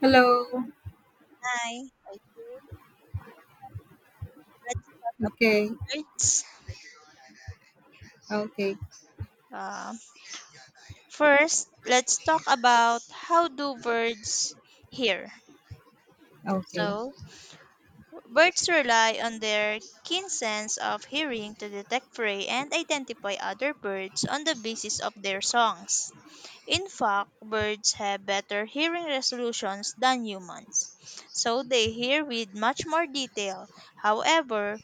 Hello. Hi, let's Okay. birds. Okay. Uh, First, let's talk about how do birds hear. Okay. So, birds rely on their keen sense of hearing to detect prey and identify other birds on the basis of their songs. In fact, birds have better hearing resolutions than humans, so they hear with much more detail. However,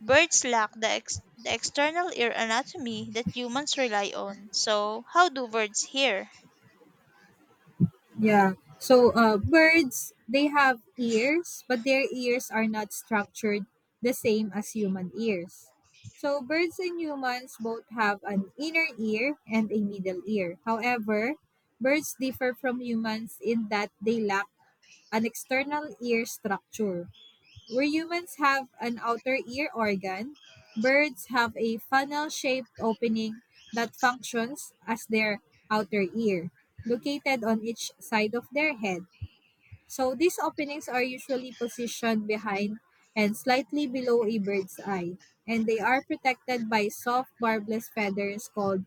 birds lack the external ear anatomy that humans rely on. So, how do birds hear? Yeah. So, birds, they have ears, but their ears are not structured the same as human ears. So, birds and humans both have an inner ear and a middle ear. However, birds differ from humans in that they lack an external ear structure. Where humans have an outer ear organ, birds have a funnel shaped opening that functions as their outer ear, located on each side of their head. So these openings are usually positioned behind and slightly below a bird's eye, and they are protected by soft barbless feathers called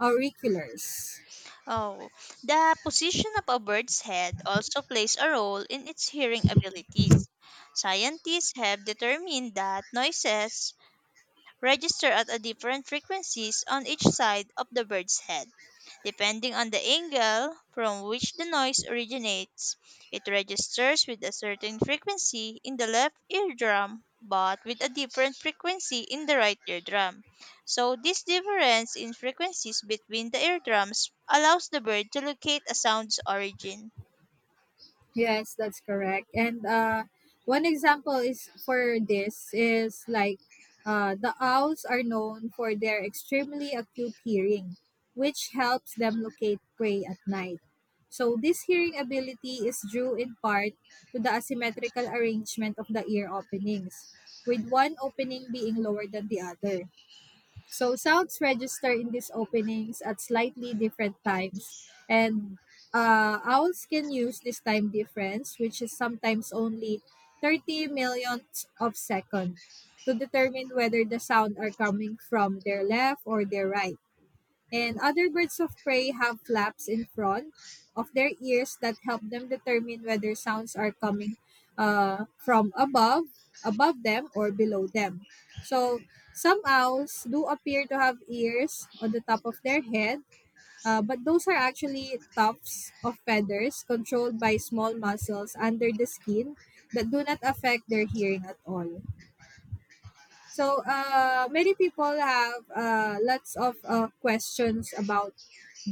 auriculars. Oh, the position of a bird's head also plays a role in its hearing abilities. Scientists have determined that noises register at a different frequencies on each side of the bird's head. Depending on the angle from which the noise originates, it registers with a certain frequency in the left eardrum but with a different frequency in the right eardrum. So, this difference in frequencies between the eardrums allows the bird to locate a sound's origin. Yes, that's correct. And one example is for this is like the owls are known for their extremely acute hearing, which helps them locate prey at night. So this hearing ability is due in part to the asymmetrical arrangement of the ear openings, with one opening being lower than the other. So sounds register in these openings at slightly different times. And owls can use this time difference, which is sometimes only 30 millionths of second, to determine whether the sound are coming from their left or their right. And other birds of prey have flaps in front of their ears that help them determine whether sounds are coming from above, above them, or below them. So some owls do appear to have ears on the top of their head, but those are actually tufts of feathers controlled by small muscles under the skin that do not affect their hearing at all. So many people have lots of questions about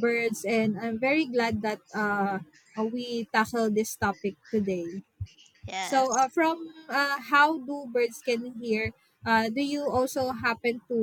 birds, and I'm very glad that we tackle this topic today. So Yes. From how do birds can hear? Do you also happen to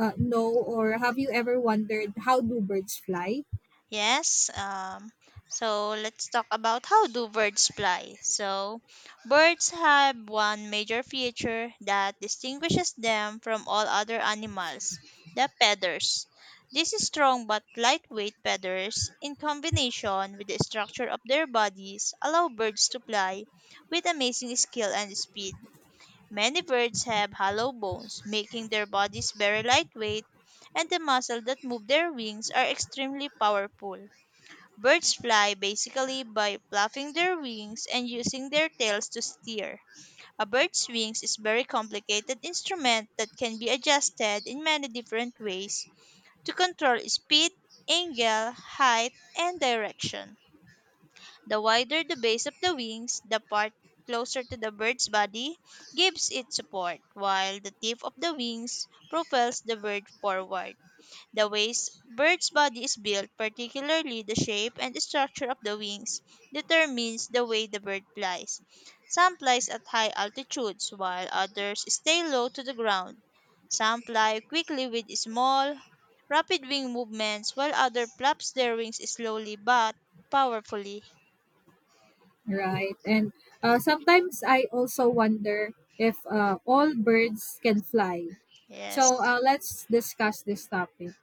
know, or have you ever wondered how do birds fly? Yes. So let's talk about how do birds fly. So birds have one major feature that distinguishes them from all other animals, the feathers. These strong but lightweight feathers, in combination with the structure of their bodies, allow birds to fly with amazing skill and speed. Many birds have hollow bones, making their bodies very lightweight, and the muscles that move their wings are extremely powerful. Birds fly basically by flapping their wings and using their tails to steer. A bird's wings is a very complicated instrument that can be adjusted in many different ways to control speed, angle, height, and direction. The wider the base of the wings, the part closer to the bird's body gives it support, while the tip of the wings propels the bird forward. The ways bird's body is built, particularly the shape and structure of the wings, determines the way the bird flies. Some flies at high altitudes, while others stay low to the ground. Some fly quickly with small, rapid wing movements, while others flaps their wings slowly but powerfully. Right, and sometimes I also wonder if all birds can fly. So Yes. Let's discuss this topic.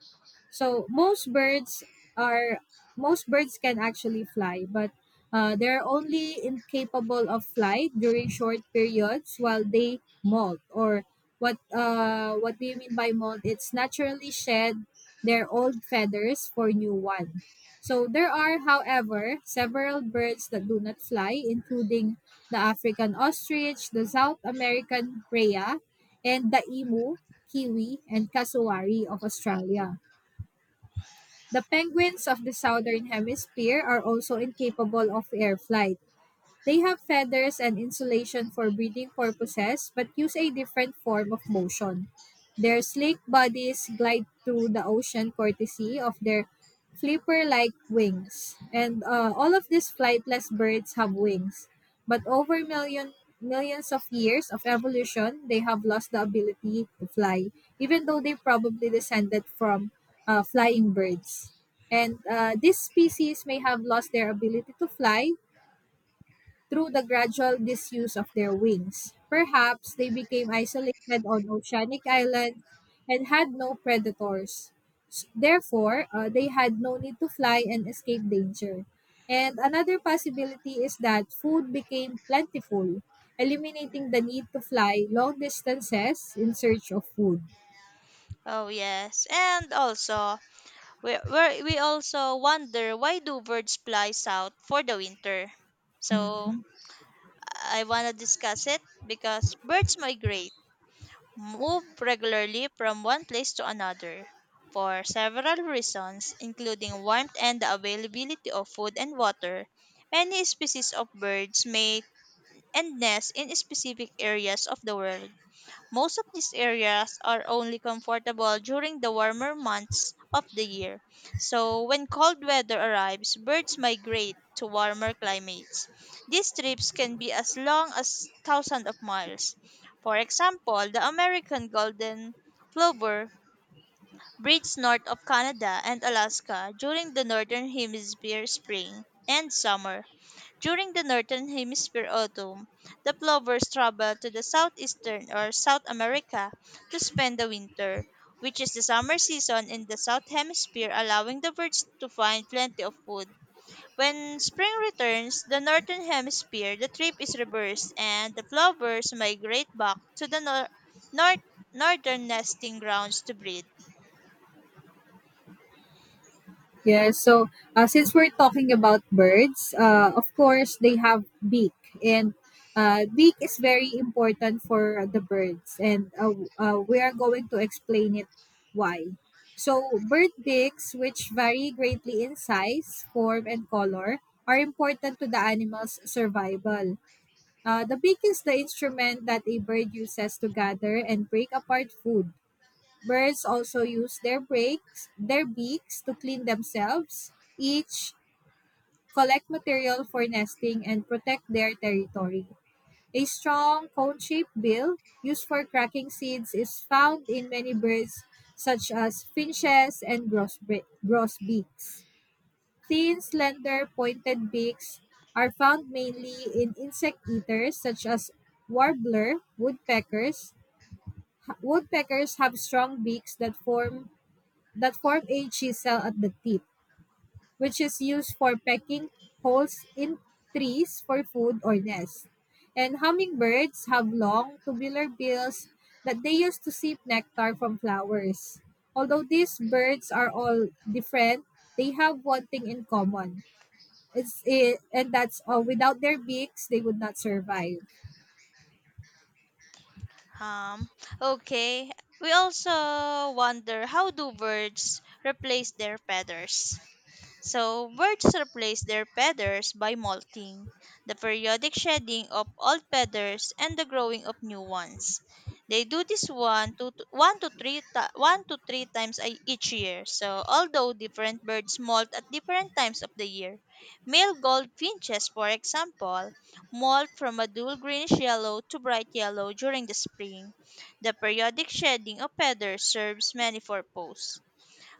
So are most birds can actually fly, but they're only incapable of flight during short periods while they molt or what do you mean by molt? It's naturally shed their old feathers for new one. So there are, however, several birds that do not fly, including the African ostrich, the South American rhea, and the emu, kiwi, and cassowary of Australia. The penguins of the southern hemisphere are also incapable of air flight. They have feathers and insulation for breeding purposes but use a different form of motion. Their sleek bodies glide through the ocean courtesy of their flipper-like wings. And all of these flightless birds have wings, but over million millions of years of evolution, they have lost the ability to fly, even though they probably descended from flying birds. And this species may have lost their ability to fly through the gradual disuse of their wings. Perhaps they became isolated on oceanic islands and had no predators. Therefore, they had no need to fly and escape danger. And another possibility is that food became plentiful, eliminating the need to fly long distances in search of food. Oh yes. And also, we also wonder why do birds fly south for the winter? So I want to discuss it because birds migrate, move regularly from one place to another for several reasons, including warmth and the availability of food and water. Many species of birds mate and nest in specific areas of the world, most of these areas are only comfortable during the warmer months of the year. So, when cold weather arrives, birds migrate to warmer climates. These trips can be as long as thousands of miles. For example, the American golden plover breeds north of Canada and Alaska during the northern hemisphere spring and summer. During the northern hemisphere autumn, the plovers travel to the southeastern or South America to spend the winter, which is the summer season in the south hemisphere, allowing the birds to find plenty of food. When spring returns, the northern hemisphere, the trip is reversed and the plovers migrate back to the north northern nesting grounds to breed. Yes. So, since we're talking about birds, of course they have beak, and beak is very important for the birds, and we are going to explain it why. So, bird beaks, which vary greatly in size, form, and color, are important to the animal's survival. The beak is the instrument that a bird uses to gather and break apart food. Birds also use their breaks, their beaks to clean themselves, each collect material for nesting and protect their territory. A strong cone-shaped bill used for cracking seeds is found in many birds such as finches and grosbeaks. Thin, slender, pointed beaks are found mainly in insect eaters such as warbler, woodpeckers. Woodpeckers have strong beaks that form a chisel at the tip, which is used for pecking holes in trees for food or nest. And hummingbirds have long, tubular bills that they use to sip nectar from flowers. Although these birds are all different, they have one thing in common. It's it, and that's without their beaks, they would not survive. Um, okay. We also wonder how do birds replace their feathers? So birds replace their feathers by molting, the periodic shedding of old feathers and the growing of new ones. They do this one to three times each year. So although different birds molt at different times of the year, male goldfinches, for example, molt from a dull greenish yellow to bright yellow during the spring. The periodic shedding of feathers serves many purposes.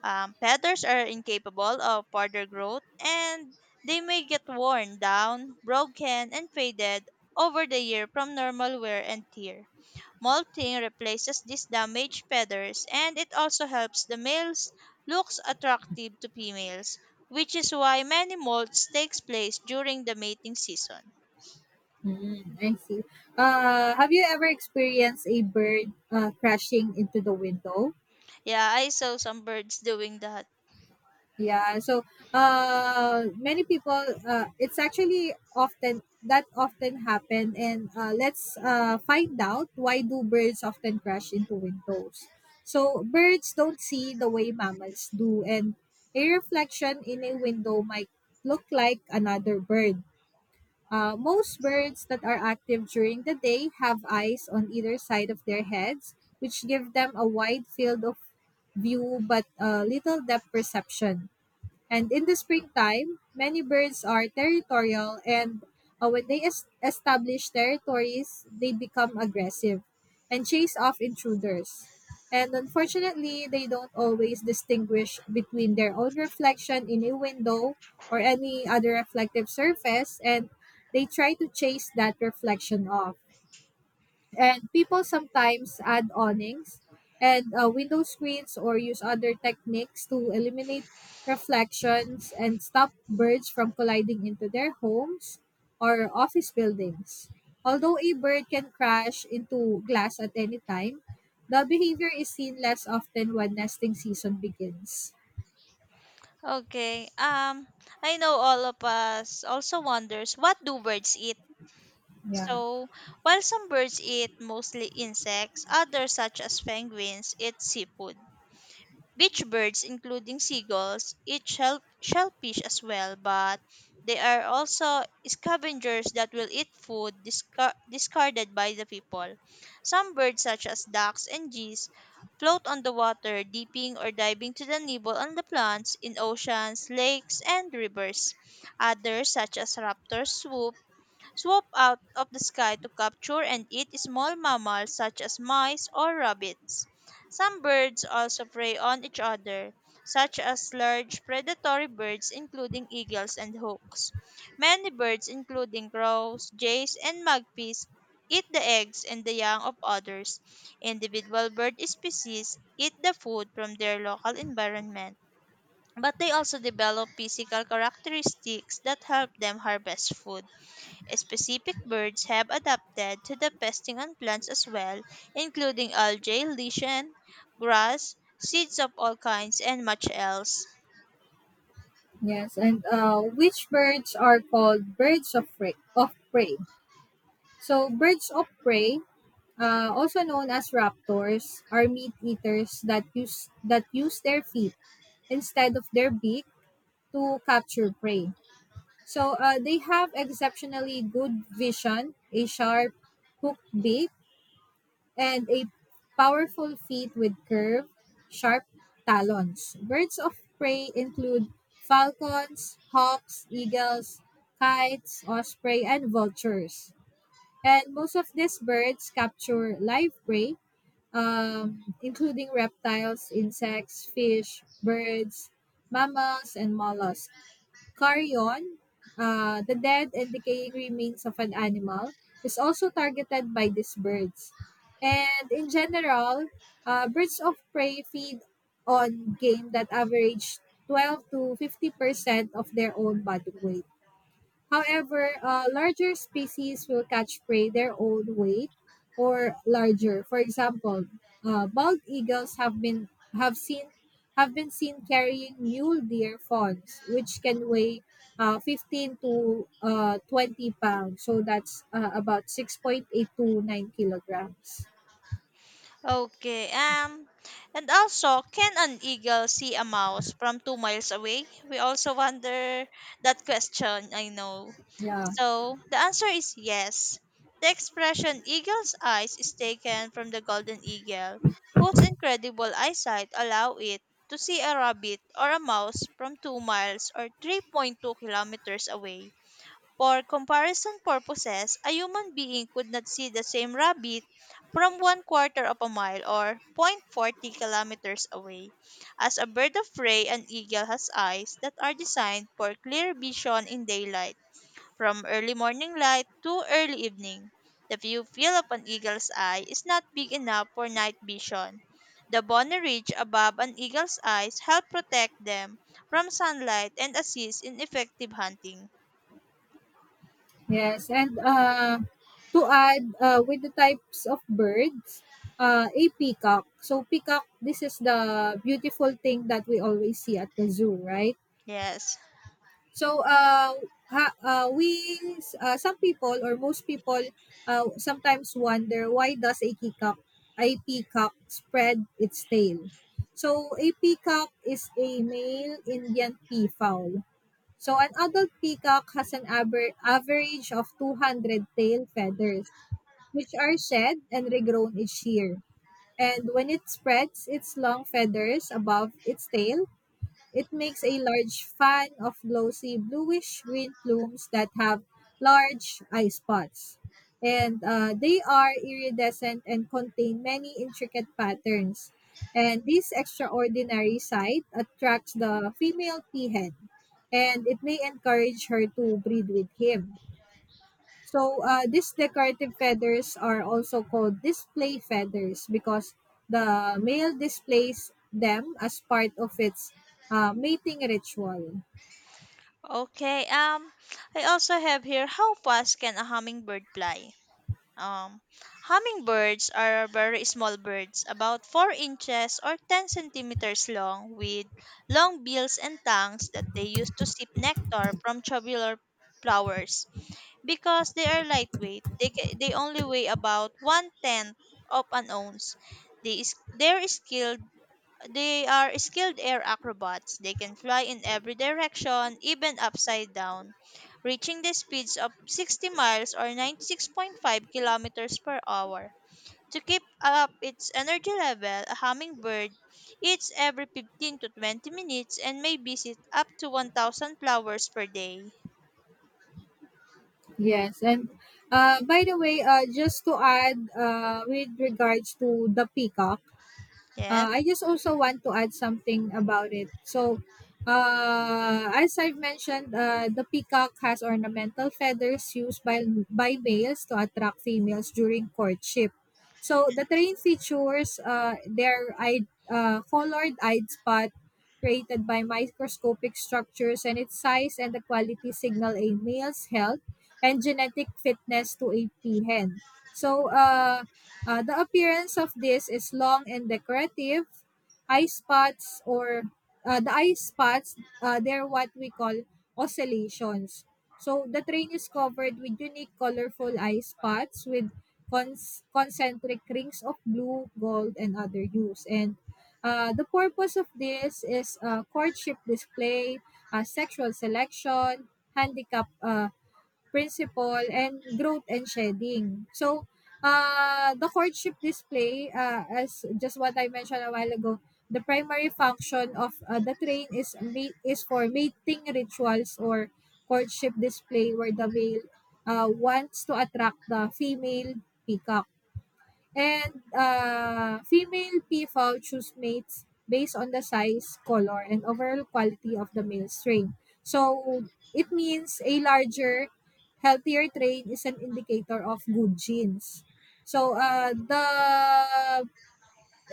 Feathers are incapable of further growth and they may get worn down, broken, and faded over the year from normal wear and tear. Molting replaces these damaged feathers and it also helps the males looks attractive to females, which is why many molts takes place during the mating season. Mm, I see. Have you ever experienced a bird crashing into the window? Yeah, I saw some birds doing that. Yeah, so many people, it's actually often that often happen, and let's find out why do birds often crash into windows. So birds don't see the way mammals do, and a reflection in a window might look like another bird. Most birds that are active during the day have eyes on either side of their heads, which give them a wide field of view but little depth perception and in the springtime, many birds are territorial and when they establish territories, they become aggressive and chase off intruders. And unfortunately, they don't always distinguish between their own reflection in a window or any other reflective surface and they try to chase that reflection off. And people sometimes add awnings and window screens or use other techniques to eliminate reflections and stop birds from colliding into their homes or office buildings. Although a bird can crash into glass at any time, the behavior is seen less often when nesting season begins. Okay. I know all of us also wonders what do birds eat? Yeah. So, while some birds eat mostly insects, others, such as penguins, eat seafood. Beach birds, including seagulls, eat shellfish as well, but they are also scavengers that will eat food discarded by the people. Some birds, such as ducks and geese, float on the water, dipping or diving to the nibble on the plants in oceans, lakes, and rivers. Others, such as raptors, swoop out of the sky to capture and eat small mammals such as mice or rabbits. Some birds also prey on each other, such as large predatory birds including eagles and hawks. Many birds including crows, jays, and magpies eat the eggs and the young of others. Individual bird species eat the food from their local environment, but they also develop physical characteristics that help them harvest food. Specific birds have adapted to the pesting on plants as well, including algae, lichen, grass, seeds of all kinds, and much else. Yes. And which birds are called birds of prey? Of prey. So birds of prey also known as raptors, are meat eaters that use their feet instead of their beak to capture prey. So they have exceptionally good vision, a sharp hooked beak, and a powerful feet with curved, sharp talons. Birds of prey include falcons, hawks, eagles, kites, osprey, and vultures. And most of these birds capture live prey including reptiles, insects, fish, birds, mammals, and mollusks. Carrion, the dead and decaying remains of an animal, is also targeted by these birds. And in general, birds of prey feed on game that average 12 to 50% of their own body weight. However, larger species will catch prey their own weight or larger. For example, bald eagles have seen have been seen carrying mule deer fawns, which can weigh 15 to 20 pounds. So that's about 6.8 to 9 kilograms. Okay. And also, can an eagle see a mouse from 2 miles away? We also wonder that question. I know. Yeah. So the answer is yes. The expression "eagle's eyes" is taken from the golden eagle, whose incredible eyesight allow it to see a rabbit or a mouse from 2 miles or 3.2 kilometers away. For comparison purposes, a human being could not see the same rabbit from one quarter of a mile or 0.40 kilometers away, as a bird of prey an eagle has eyes that are designed for clear vision in daylight, from early morning light to early evening. The view field of an eagle's eye is not big enough for night vision. The bony ridge above an eagle's eyes help protect them from sunlight and assist in effective hunting. Yes, and, to add, with the types of birds, a peacock. So, peacock, this is the beautiful thing that we always see at the zoo, right? Yes. So, ha, uh, we, some people or most people, sometimes wonder why does a peacock spread its tail? So, a peacock is a male Indian peafowl. So an adult peacock has an average of 200 tail feathers, which are shed and regrown each year. And when it spreads its long feathers above its tail, it makes a large fan of glossy bluish green plumes that have large eye spots. And they are iridescent and contain many intricate patterns. And this extraordinary sight attracts the female peahen, and it may encourage her to breed with him. So these decorative feathers are also called display feathers because the male displays them as part of its mating ritual. Okay. I also have here how fast can a hummingbird fly? Um, hummingbirds are very small birds, about 4 inches or 10 centimeters long, with long bills and tongues that they use to sip nectar from tubular flowers. Because they are lightweight, they only weigh about one tenth of an ounce. They is, their skill they are skilled air acrobats. They can fly in every direction, even upside down, reaching the speeds of 60 miles or 96.5 kilometers per hour. To keep up its energy level, a hummingbird eats every 15 to 20 minutes and may visit up to 1,000 flowers per day. Yes, and by the way, just to add with regards to the peacock, Yes, I just also want to add something about it. So, as I've mentioned, the peacock has ornamental feathers used by males to attract females during courtship. So, the train features their eyed, colored eyed spot created by microscopic structures and its size and the quality signal a male's health and genetic fitness to a peahen. So, the appearance of this is long and decorative. Eye spots or the eye spots, they're what we call oscillations. So the train is covered with unique colorful eye spots with concentric rings of blue, gold, and other hues. And the purpose of this is courtship display, sexual selection, handicap principle, and growth and shedding. So, the courtship display, as just what I mentioned a while ago, the primary function of the train is is for mating rituals or courtship display where the male wants to attract the female peacock. And female PFAO choose mates based on the size, color, and overall quality of the male strain. So it means a larger, healthier strain is an indicator of good genes. So the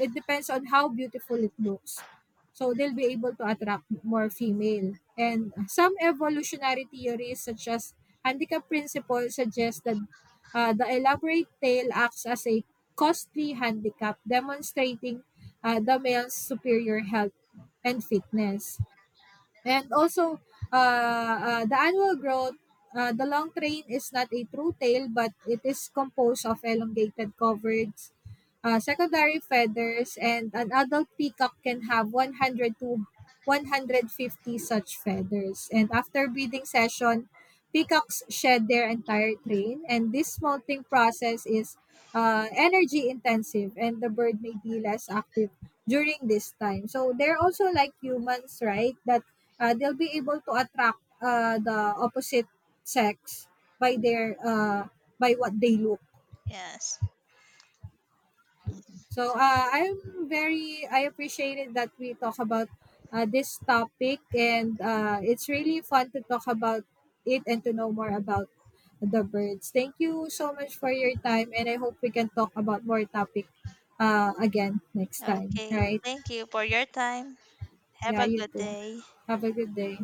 it depends on how beautiful it looks. So they'll be able to attract more female. And some evolutionary theories such as handicap principle suggest that the elaborate tail acts as a costly handicap demonstrating the male's superior health and fitness. And also, the annual growth, the long train is not a true tail, but it is composed of elongated coverts, secondary feathers, and an adult peacock can have 100 to 150 such feathers. And after breeding session, peacocks shed their entire train, and this molting process is energy intensive, and the bird may be less active during this time. So they're also like humans, right? That they'll be able to attract the opposite sex by their by what they look. yes. So I appreciated that we talk about this topic and it's really fun to talk about it and to know more about the birds. Thank you so much for your time and I hope we can talk about more topic again next time. Okay. Right? Thank you for your time. Have Yeah, a you good too. day. Have a good day.